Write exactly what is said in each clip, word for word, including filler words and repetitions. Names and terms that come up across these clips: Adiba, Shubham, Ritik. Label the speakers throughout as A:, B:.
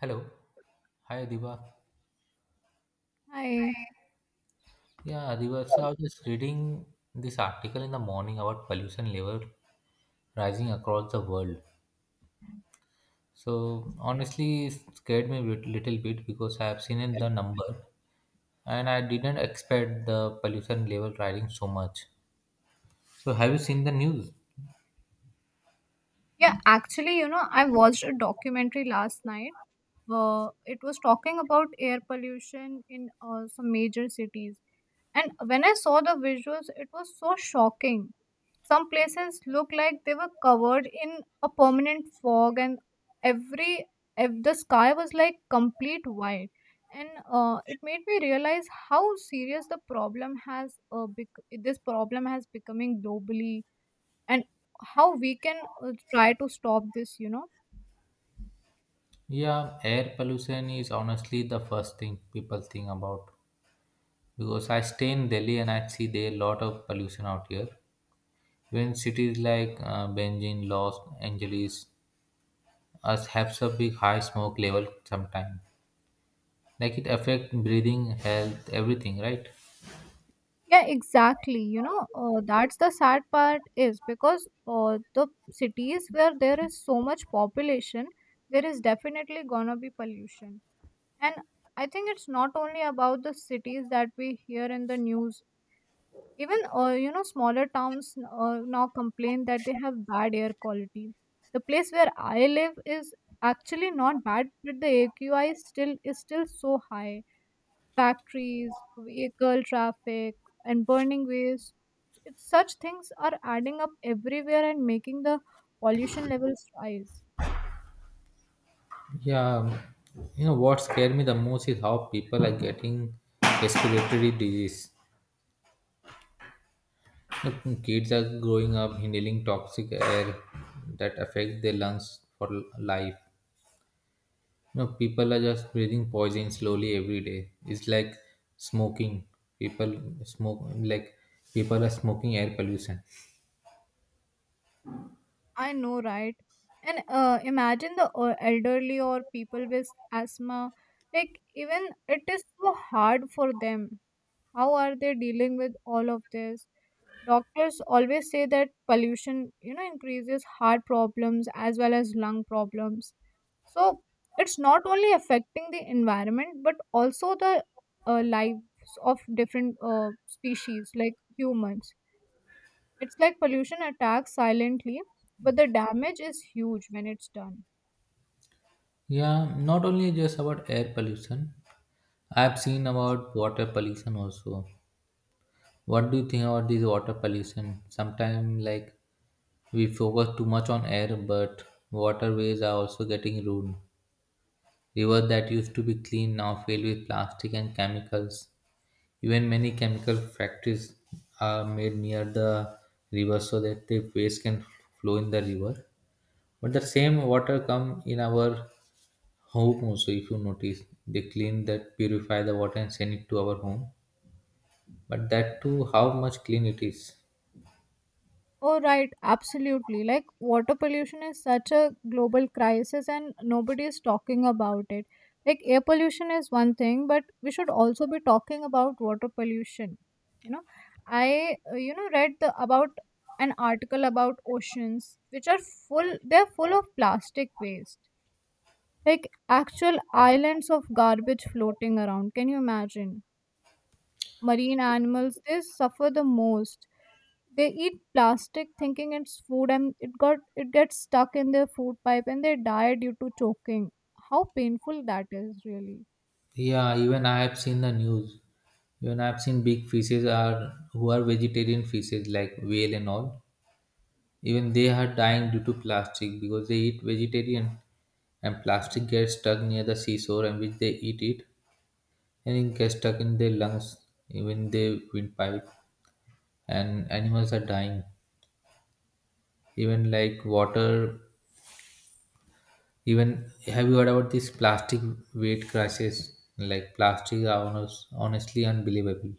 A: Hello. Hi, Adiba.
B: Hi.
A: Yeah, Adiba. So I was just reading this article in the morning about pollution level rising across the world. So honestly, it scared me a little bit because I have seen in the number and I didn't expect the pollution level rising so much. So have you seen the news?
B: Yeah, actually, you know, I watched a documentary last night. Uh, it was talking about air pollution in uh, some major cities. And when I saw the visuals, it was so shocking. Some places look like they were covered in a permanent fog, and every ev- the sky was like complete white. And uh, it made me realize how serious the problem has uh, bec- this problem has becoming globally, and how we can uh, try to stop this you know
A: Yeah, air pollution is honestly the first thing people think about because I stay in Delhi and I see there a lot of pollution out here. When cities like uh, Beijing, Los Angeles, us have a big high smoke level sometime, like it affect breathing health everything, right?
B: Yeah, exactly. You know uh, that's the sad part is because uh, the cities where there is so much population, there is definitely gonna be pollution. And I think it's not only about the cities that we hear in the news. Even uh, you know smaller towns uh, now complain that they have bad air quality. The place where I live is actually not bad, but the A Q I still is still so high. Factories, vehicle traffic, and burning waste. It's, such things are adding up everywhere and making the pollution levels rise.
A: Yeah, um, you know what scared me the most is how people are getting respiratory disease. Look, kids are growing up inhaling toxic air that affect their lungs for l- life. You know, people are just breathing poison slowly every day. It's like smoking. People smoke like people are smoking air pollution.
B: I know, right? And uh, imagine the uh, elderly or people with asthma. Like, even it is so hard for them. How are they dealing with all of this? Doctors always say that pollution, you know, increases heart problems as well as lung problems. So it's not only affecting the environment but also the uh, lives of different uh, species like humans. It's like pollution attacks silently, but the damage is huge when it's done.
A: Yeah, not only just about air pollution, I've seen about water pollution also. What do you think about this water pollution? Sometimes, like, we focus too much on air, but waterways are also getting ruined. Rivers that used to be clean now filled with plastic and chemicals. Even many chemical factories are made near the river so that the waste can flow in the river. But the same water come in our home also. If you notice, they clean that, purify the water and send it to our home. But that too, how much clean it is.
B: Oh, right, absolutely. Like, water pollution is such a global crisis, and nobody is talking about it. Like, air pollution is one thing, but we should also be talking about water pollution. You know, I, uh, you know, read the, about an article about oceans, which are full, they're full of plastic waste. Like, actual islands of garbage floating around. Can you imagine? Marine animals, they suffer the most. They eat plastic thinking it's food, and it got it gets stuck in their food pipe and they die due to choking. How painful that is, really.
A: Yeah, even I have seen the news. Even I have seen big fishes are who are vegetarian fishes like whale and all. Even they are dying due to plastic because they eat vegetarian and plastic gets stuck near the seashore and which they eat it and it gets stuck in their lungs, even their windpipe, and animals are dying. Even like water, even have you heard about these plastic weight crisis? Like plastic are honest, honestly unbelievable.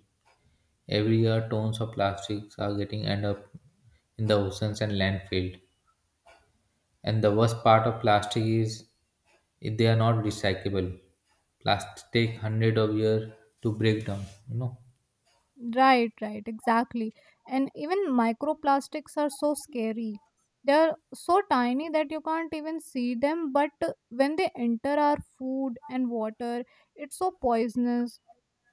A: Every year, tons of plastics are getting end up in the oceans and landfill. And the worst part of plastic is if they are not recyclable. Plastic take hundred of years to break down, you know.
B: Right, right, exactly. And even microplastics are so scary. They are so tiny that you can't even see them, but uh, when they enter our food and water, it's so poisonous.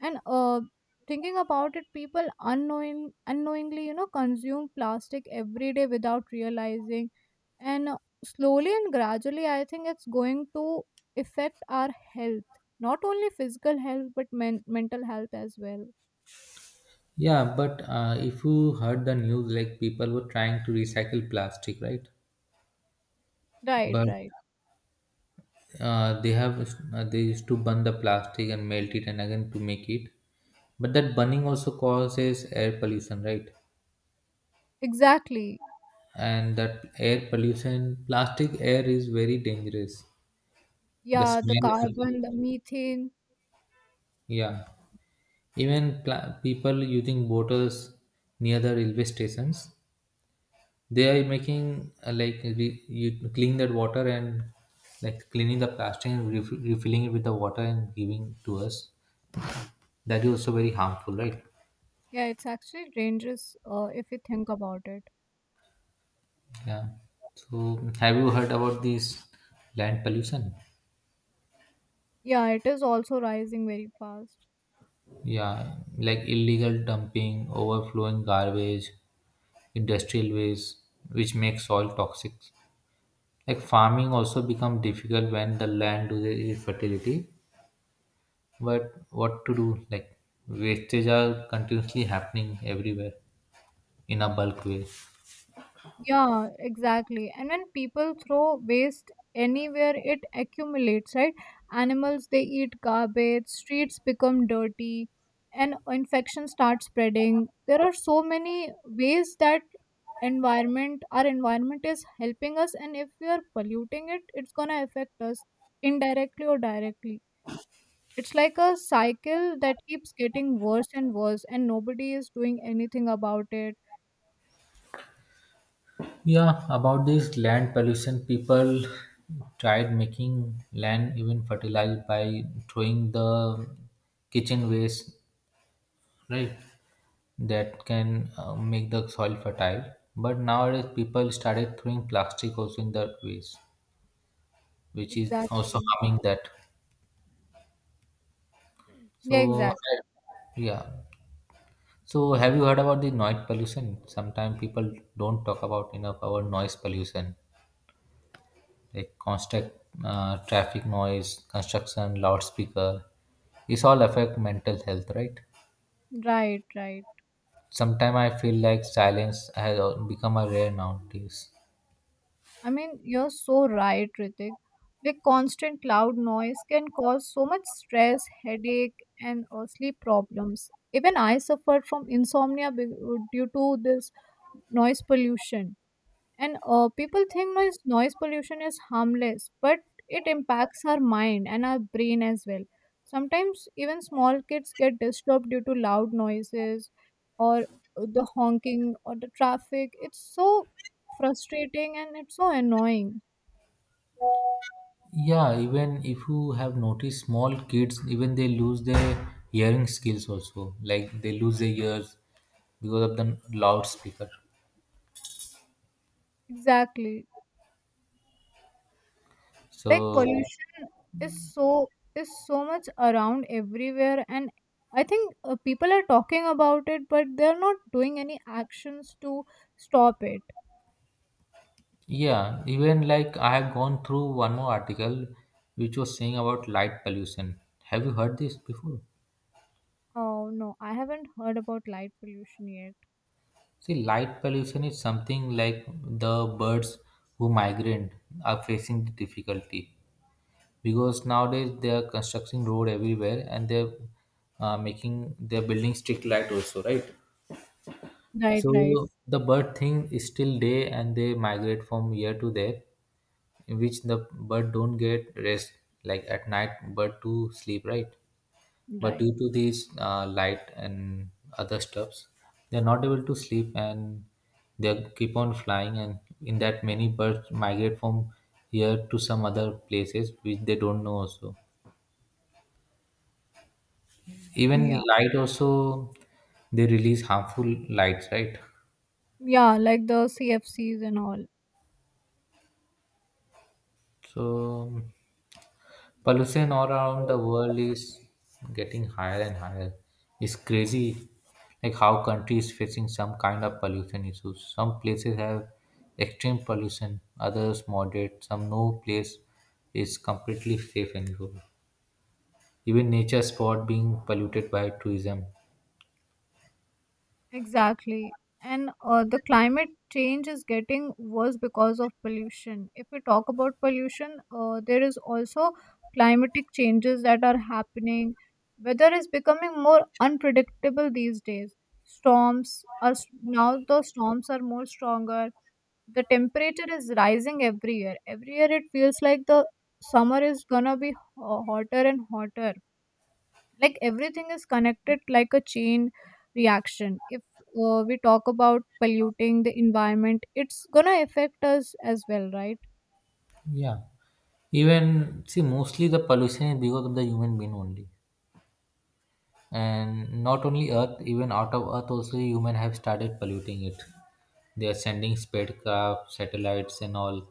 B: And uh thinking about it, people unknowing unknowingly you know consume plastic every day without realizing. And uh, slowly and gradually, I think it's going to affect our health, not only physical health, but men- mental health as well.
A: Yeah, but uh, if you heard the news, like people were trying to recycle plastic, right?
B: Right,
A: But
B: right,
A: uh, they have uh, they used to burn the plastic and melt it and again to make it, but that burning also causes air pollution, right?
B: exactly.
A: And that air pollution plastic air is very dangerous. The
B: Yeah, the
A: smell of the,
B: carbon, the methane.
A: yeah, even pla people using bottles near the railway stations, they are making uh, like re- you clean that water and like cleaning the plastic and ref- refilling it with the water and giving to us. That is also very harmful, right?
B: Yeah, it's actually dangerous, uh, if you think about it.
A: Yeah. So, have you heard about this land pollution?
B: Yeah, it is also rising very fast.
A: Yeah, like illegal dumping, overflowing garbage, industrial waste, which makes soil toxic. Like farming also become difficult when the land loses its fertility. But what to do? Like wastage are continuously happening everywhere in a bulk way.
B: Yeah, exactly. And when people throw waste anywhere, it accumulates, right? Animals, they eat garbage, streets become dirty, and infection starts spreading. There are so many ways that environment our environment is helping us, and if we are polluting it, it's going to affect us indirectly or directly. It's like a cycle that keeps getting worse and worse, and nobody is doing anything about it.
A: Yeah, about this land pollution, people tried making land even fertilized by throwing the kitchen waste, right? That can uh, make the soil fertile. But nowadays, people started throwing plastic also in the waste, which is also
B: Exactly.
A: harming that.
B: Yeah,
A: So,
B: exactly.
A: yeah. So, have you heard about the noise pollution? Sometimes people don't talk about enough about noise pollution. Like constant uh, traffic noise, construction, loudspeaker. This all affect mental health, right?
B: Right, right.
A: Sometimes I feel like silence has al- become a rare nowadays.
B: I mean, you're so right, Ritik. The constant loud noise can cause so much stress, headache, and uh, sleep problems. Even I suffered from insomnia be- due to this noise pollution. And uh, people think noise noise pollution is harmless, but it impacts our mind and our brain as well. Sometimes even small kids get disturbed due to loud noises, or uh, the honking or the traffic. It's so frustrating, and it's so annoying.
A: Yeah, even if you have noticed, small kids even they lose their hearing skills also. Like they lose their ears because of the loudspeaker.
B: Exactly. Like
A: So
B: pollution is so is so much around everywhere. And I think uh, people are talking about it, but they're not doing any actions to stop it.
A: yeah, even like I have gone through one more article which was saying about light pollution. Have you heard this before?
B: Oh, no, I haven't heard about light pollution yet.
A: See, light pollution is something like the birds who migrate are facing the difficulty because nowadays they are constructing road everywhere and they're uh, making they're building strict light also, right?
B: Right,
A: So
B: right,
A: the bird thing is still day and they migrate from here to there, in which the bird don't get rest. Like at night, bird to sleep, right? But
B: right.
A: due to these uh, light and other stuffs, they're not able to sleep and they keep on flying and in that many birds migrate from here to some other places which they don't know also.
B: Yeah.
A: Even light also, they release harmful lights, right?
B: Yeah, like the C F Cs and all.
A: So pollution all around the world is getting higher and higher. It's crazy, like how countries facing some kind of pollution issues. Some places have extreme pollution, others moderate, some no place is completely safe anymore. Even nature spot being polluted by tourism.
B: Exactly. And uh, the climate change is getting worse because of pollution. If we talk about pollution, uh, there is also climatic changes that are happening. Weather is becoming more unpredictable these days. Storms are s- now the storms are more stronger. The temperature is rising every year every year. It feels like the summer is gonna be ho- hotter and hotter. Like everything is connected like a chain reaction. If uh, we talk about polluting the environment, it's gonna affect us as well, right?
A: Yeah, even see mostly the pollution is because of the human being only. And not only Earth, even out of Earth, also human have started polluting it. They are sending spacecraft, satellites, and all.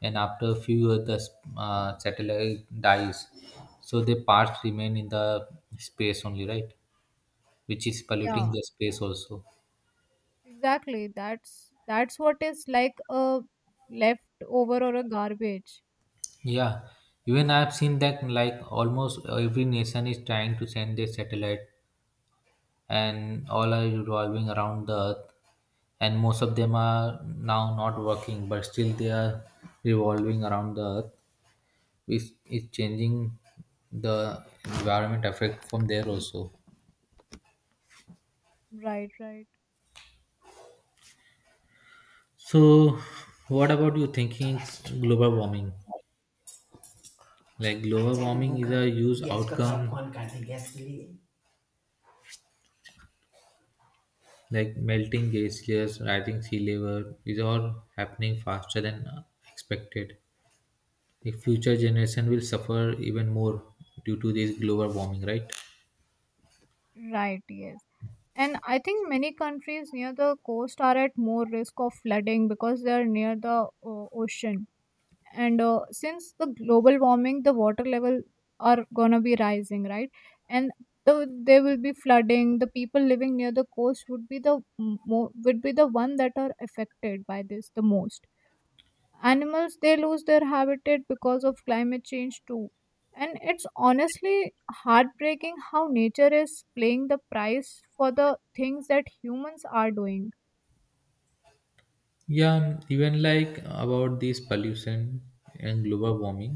A: And after a few years, the uh, satellite dies, so the parts remain in the space only, right? Which is
B: Yeah,
A: polluting the space also.
B: exactly. That's that's what is like a leftover or a garbage.
A: Yeah, even I have seen that like almost every nation is trying to send their satellite and all are revolving around the earth, and most of them are now not working but still they are revolving around the earth, which is changing the environment effect from there also.
B: Right, right,
A: So what about you thinking global warming? Like global warming is a huge, yes, outcome really. Like melting glaciers, rising sea level is all happening faster than expected. The future generation will suffer even more due to this global warming, right?
B: right, yes. And I think many countries near the coast are at more risk of flooding because they are near the uh, ocean. And uh, since the global warming, the water level are gonna be rising, right? And the, there will be flooding. The people living near the coast would be the mo- would be the one that are affected by this the most. Animals, they lose their habitat because of climate change too. And it's honestly heartbreaking how nature is playing the price for the things that humans are doing.
A: Yeah, and even like about this pollution and global warming,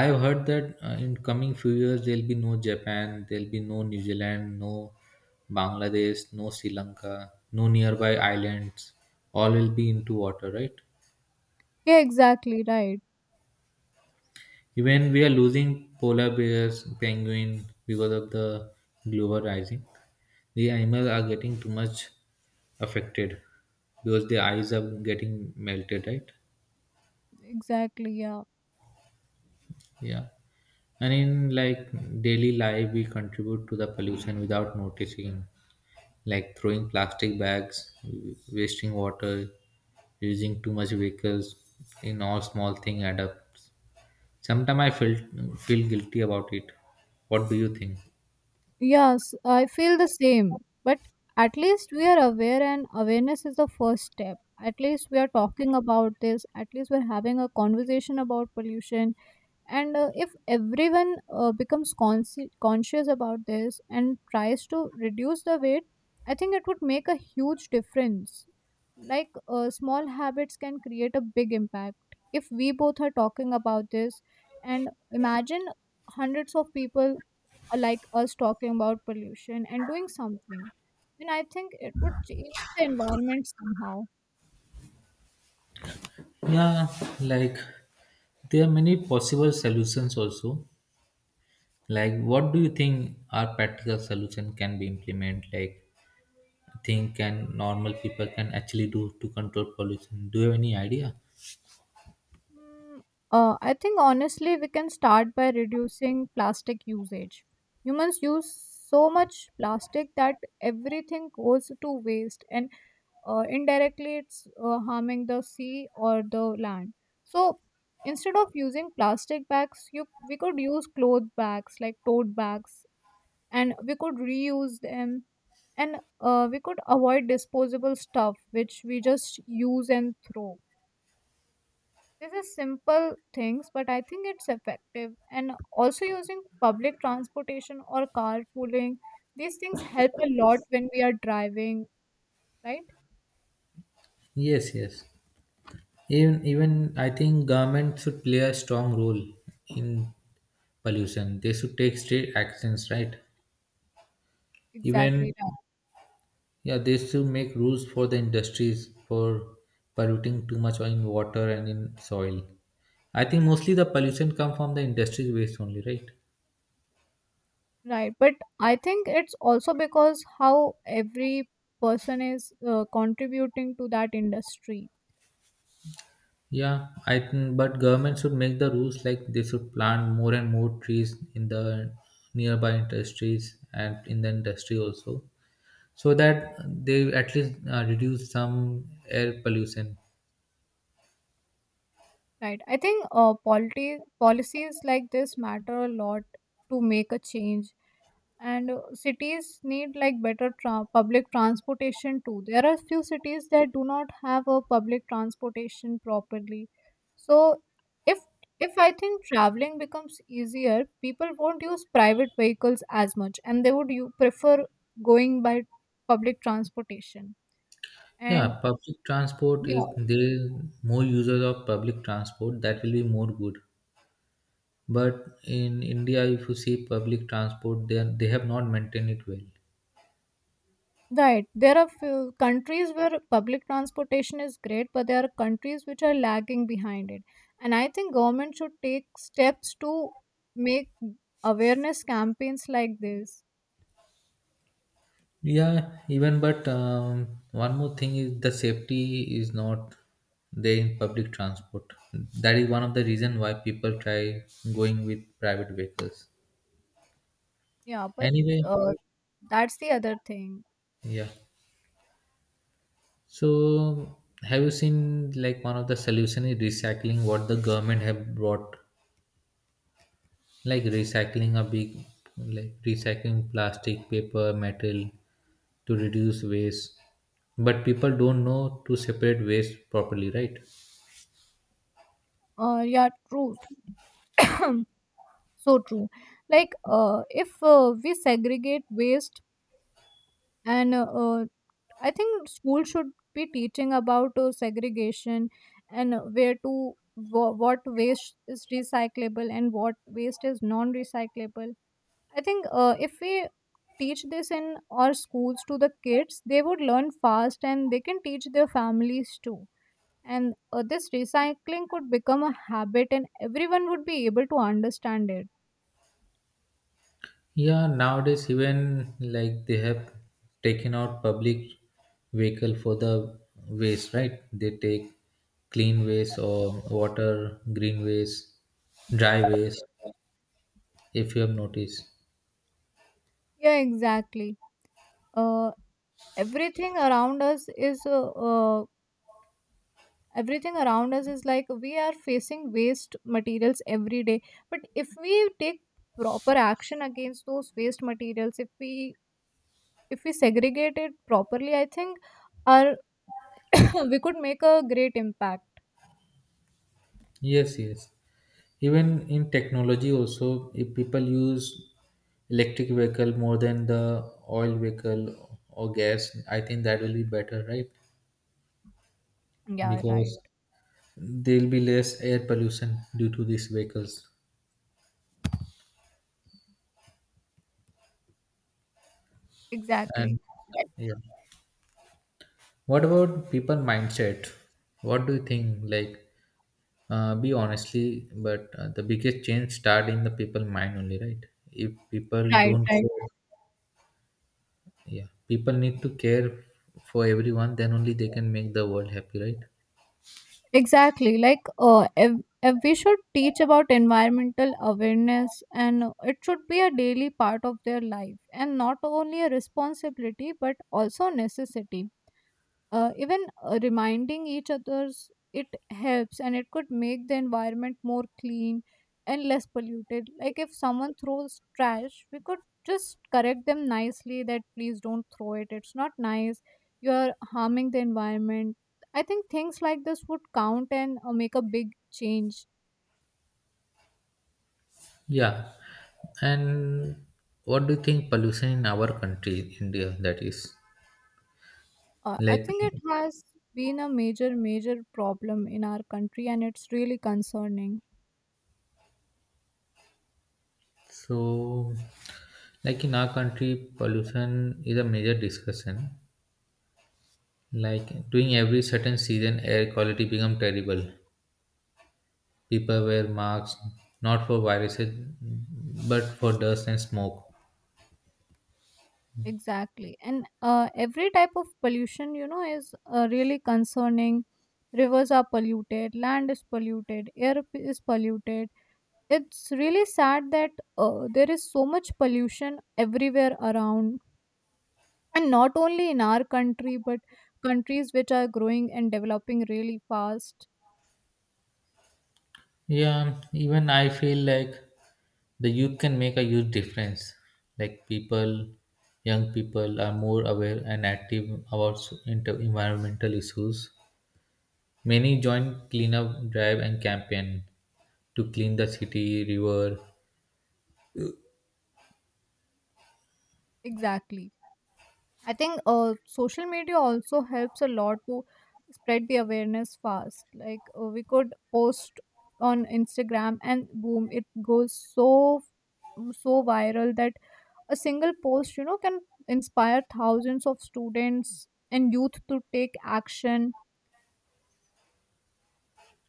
A: I have heard that uh, in coming few years there'll be no Japan, there'll be no New Zealand, no Bangladesh, no Sri Lanka, no nearby islands, all will be into water, right?
B: Yeah, exactly, right.
A: Even we are losing polar bears, penguin, because of the global rising. The animals are getting too much affected because the eyes are getting melted, right?
B: Exactly, yeah.
A: Yeah. And in like daily life, we contribute to the pollution without noticing, like throwing plastic bags, wasting water, using too much vehicles. In all small thing add up. Sometimes I feel feel guilty about it. What do you think?
B: Yes, I feel the same. But at least we are aware, and awareness is the first step. At least we are talking about this. At least we're having a conversation about pollution. And uh, if everyone uh, becomes consci conscious about this and tries to reduce the weight, I think it would make a huge difference. Like uh, small habits can create a big impact. If we both are talking about this, and imagine hundreds of people are like us talking about pollution and doing something, then I think it would change the environment somehow.
A: Yeah, like there are many possible solutions also. Like what do you think our practical solution can be implement, like thing can normal people can actually do to control pollution? Do you have any idea?
B: Mm, Uh, I think honestly, we can start by reducing plastic usage. Humans use so much plastic that everything goes to waste, and uh, indirectly, it's uh, harming the sea or the land. So instead of using plastic bags, you we could use cloth bags like tote bags, and we could reuse them, and uh, we could avoid disposable stuff which we just use and throw. This is simple things, but I think it's effective. And also using public transportation or carpooling, these things help a lot when we are driving, right?
A: Yes, yes, even even I think government should play a strong role in pollution. They should take straight actions, right?
B: Exactly.
A: Even
B: Right.
A: yeah, they should make rules for the industries for polluting too much in water and in soil. I think mostly the pollution come from the industries waste only, right?
B: Right. But I think it's also because how every person is uh, contributing to that industry,
A: Yeah, I think, but government should make the rules like they should plant more and more trees in the nearby industries and in the industry also, so that they at least uh, reduce some air pollution.
B: right? I think uh, polity, policies like this matter a lot to make a change. And uh, cities need like better tra- public transportation too. There are few cities that do not have a public transportation properly. So, if if I think traveling becomes easier, people won't use private vehicles as much, and they would, you prefer going by public transportation. And
A: Yeah, public transport.
B: yeah.
A: If there more users of public transport, that will be more good. But in India, if you see public transport, then they have not maintained it well.
B: Right. There are few countries where public transportation is great, but there are countries which are lagging behind it. And I think government should take steps to make awareness campaigns like this.
A: Yeah, even but um, one more thing is the safety is not there in public transport. That is one of the reason why people try going with private vehicles.
B: Yeah, but
A: Anyway,
B: uh, that's the other thing.
A: yeah. So have you seen like one of the solution is recycling what the government have brought, like recycling a big, like recycling plastic, paper, metal to reduce waste. But people don't know to separate waste properly, right?
B: Uh, yeah, true. So true. Like, uh, if uh, we segregate waste, and uh, uh, I think school should be teaching about uh, segregation, and uh, where to wha- what waste is recyclable and what waste is non-recyclable. I think uh, if we teach this in our schools to the kids, they would learn fast, and they can teach their families too. And uh, this recycling could become a habit, and everyone would be able to understand it.
A: Yeah, nowadays even like they have taken out public vehicle for the waste, right? They take clean waste or water, green waste, dry waste, if you have noticed.
B: Yeah, exactly. Uh, Everything around us is uh, uh, everything around us is like we are facing waste materials every day. But if we take proper action against those waste materials, if we if we segregate it properly, I think our we could make a great impact.
A: Yes, yes. Even in technology also, if people use electric vehicle more than the oil vehicle or gas, I think that will be better, right?
B: Yeah, right,
A: Because there will be less air pollution due to these vehicles.
B: exactly.
A: And yeah, what about people mindset? What do you think? Like, uh, be honestly, but uh, the biggest change start in the people mind only, right? If people
B: Right,
A: don't
B: right,
A: care, yeah, people need to care for everyone. Then only they can make the world happy, right?
B: exactly. Like, uh if, if we should teach about environmental awareness, and it should be a daily part of their life and not only a responsibility but also a necessity. Uh, even uh, reminding each others, it helps, and it could make the environment more clean and less polluted. Like if someone throws trash, we could just correct them nicely that please don't throw it, it's not nice, you are harming the environment. I think things like this would count and uh, make a big change.
A: Yeah, and what do you think pollution in our country, India? That is
B: uh, I
A: like,
B: think it has been a major, major problem in our country, and it's really concerning.
A: so, like in our country, pollution is a major discussion. Like during every certain season, air quality become terrible. People wear masks not for viruses, but for dust and smoke.
B: Exactly. And uh, every type of pollution, you know, is uh, really concerning. Rivers are polluted, land is polluted, air p- is polluted. It's really sad that uh, there is so much pollution everywhere around. And not only in our country, but countries which are growing and developing really fast.
A: Yeah, even I feel like the youth can make a huge difference. Like people, young people are more aware and active about s- inter- environmental issues. Many join cleanup drive and campaign to clean the city, river.
B: Exactly. I think uh, social media also helps a lot to spread the awareness fast. Like uh, we could post on Instagram, and boom, it goes so so viral that a single post, you know, can inspire thousands of students and youth to take action.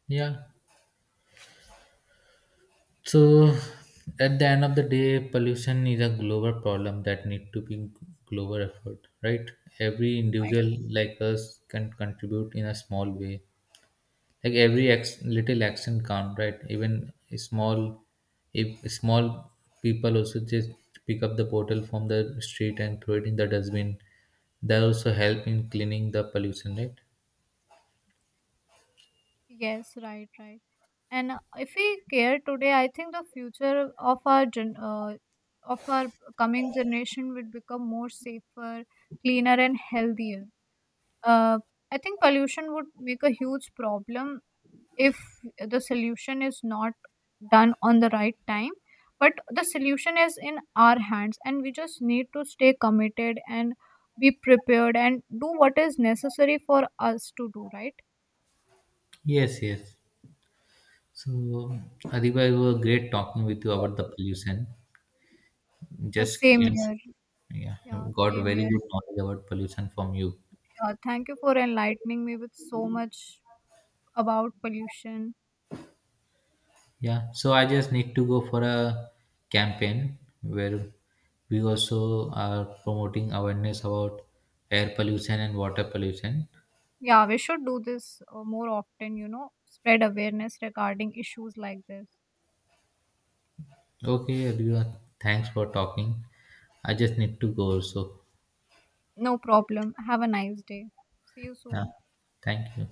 A: Yeah, so at the end of the day, pollution is a global problem that need to be global effort, right? Every
B: Right.
A: individual like us can contribute in a small way. Like every ex- little action count, right? Even a small, if small people also just pick up the bottle from the street and throw it in the dustbin, that also help in cleaning the pollution, right?
B: Yes, right, right. And uh, if we care today, I think the future of our gen- uh, of our coming generation will become more safer, cleaner, and healthier. Uh, I think pollution would make a huge problem if the solution is not done on the right time. But the solution is in our hands, and we just need to stay committed and be prepared and do what is necessary for us to do, right?
A: Yes, yes. So Adiba, it was great talking with you about the pollution.
B: Uh,
A: Just
B: same.
A: came,
B: Yes. Here.
A: yeah,
B: Yeah,
A: got
B: same
A: very
B: here.
A: good knowledge about pollution from you.
B: Yeah, thank you for enlightening me with so much about pollution.
A: Yeah, so I just need to go for a campaign where we also are promoting awareness about air pollution and water pollution.
B: Yeah, we should do this uh, more often, you know, spread awareness regarding issues like this.
A: Okay, everyone, thanks for talking. I just need to go, so
B: No problem. Have a nice day. See you
A: yeah,
B: soon.
A: thank you.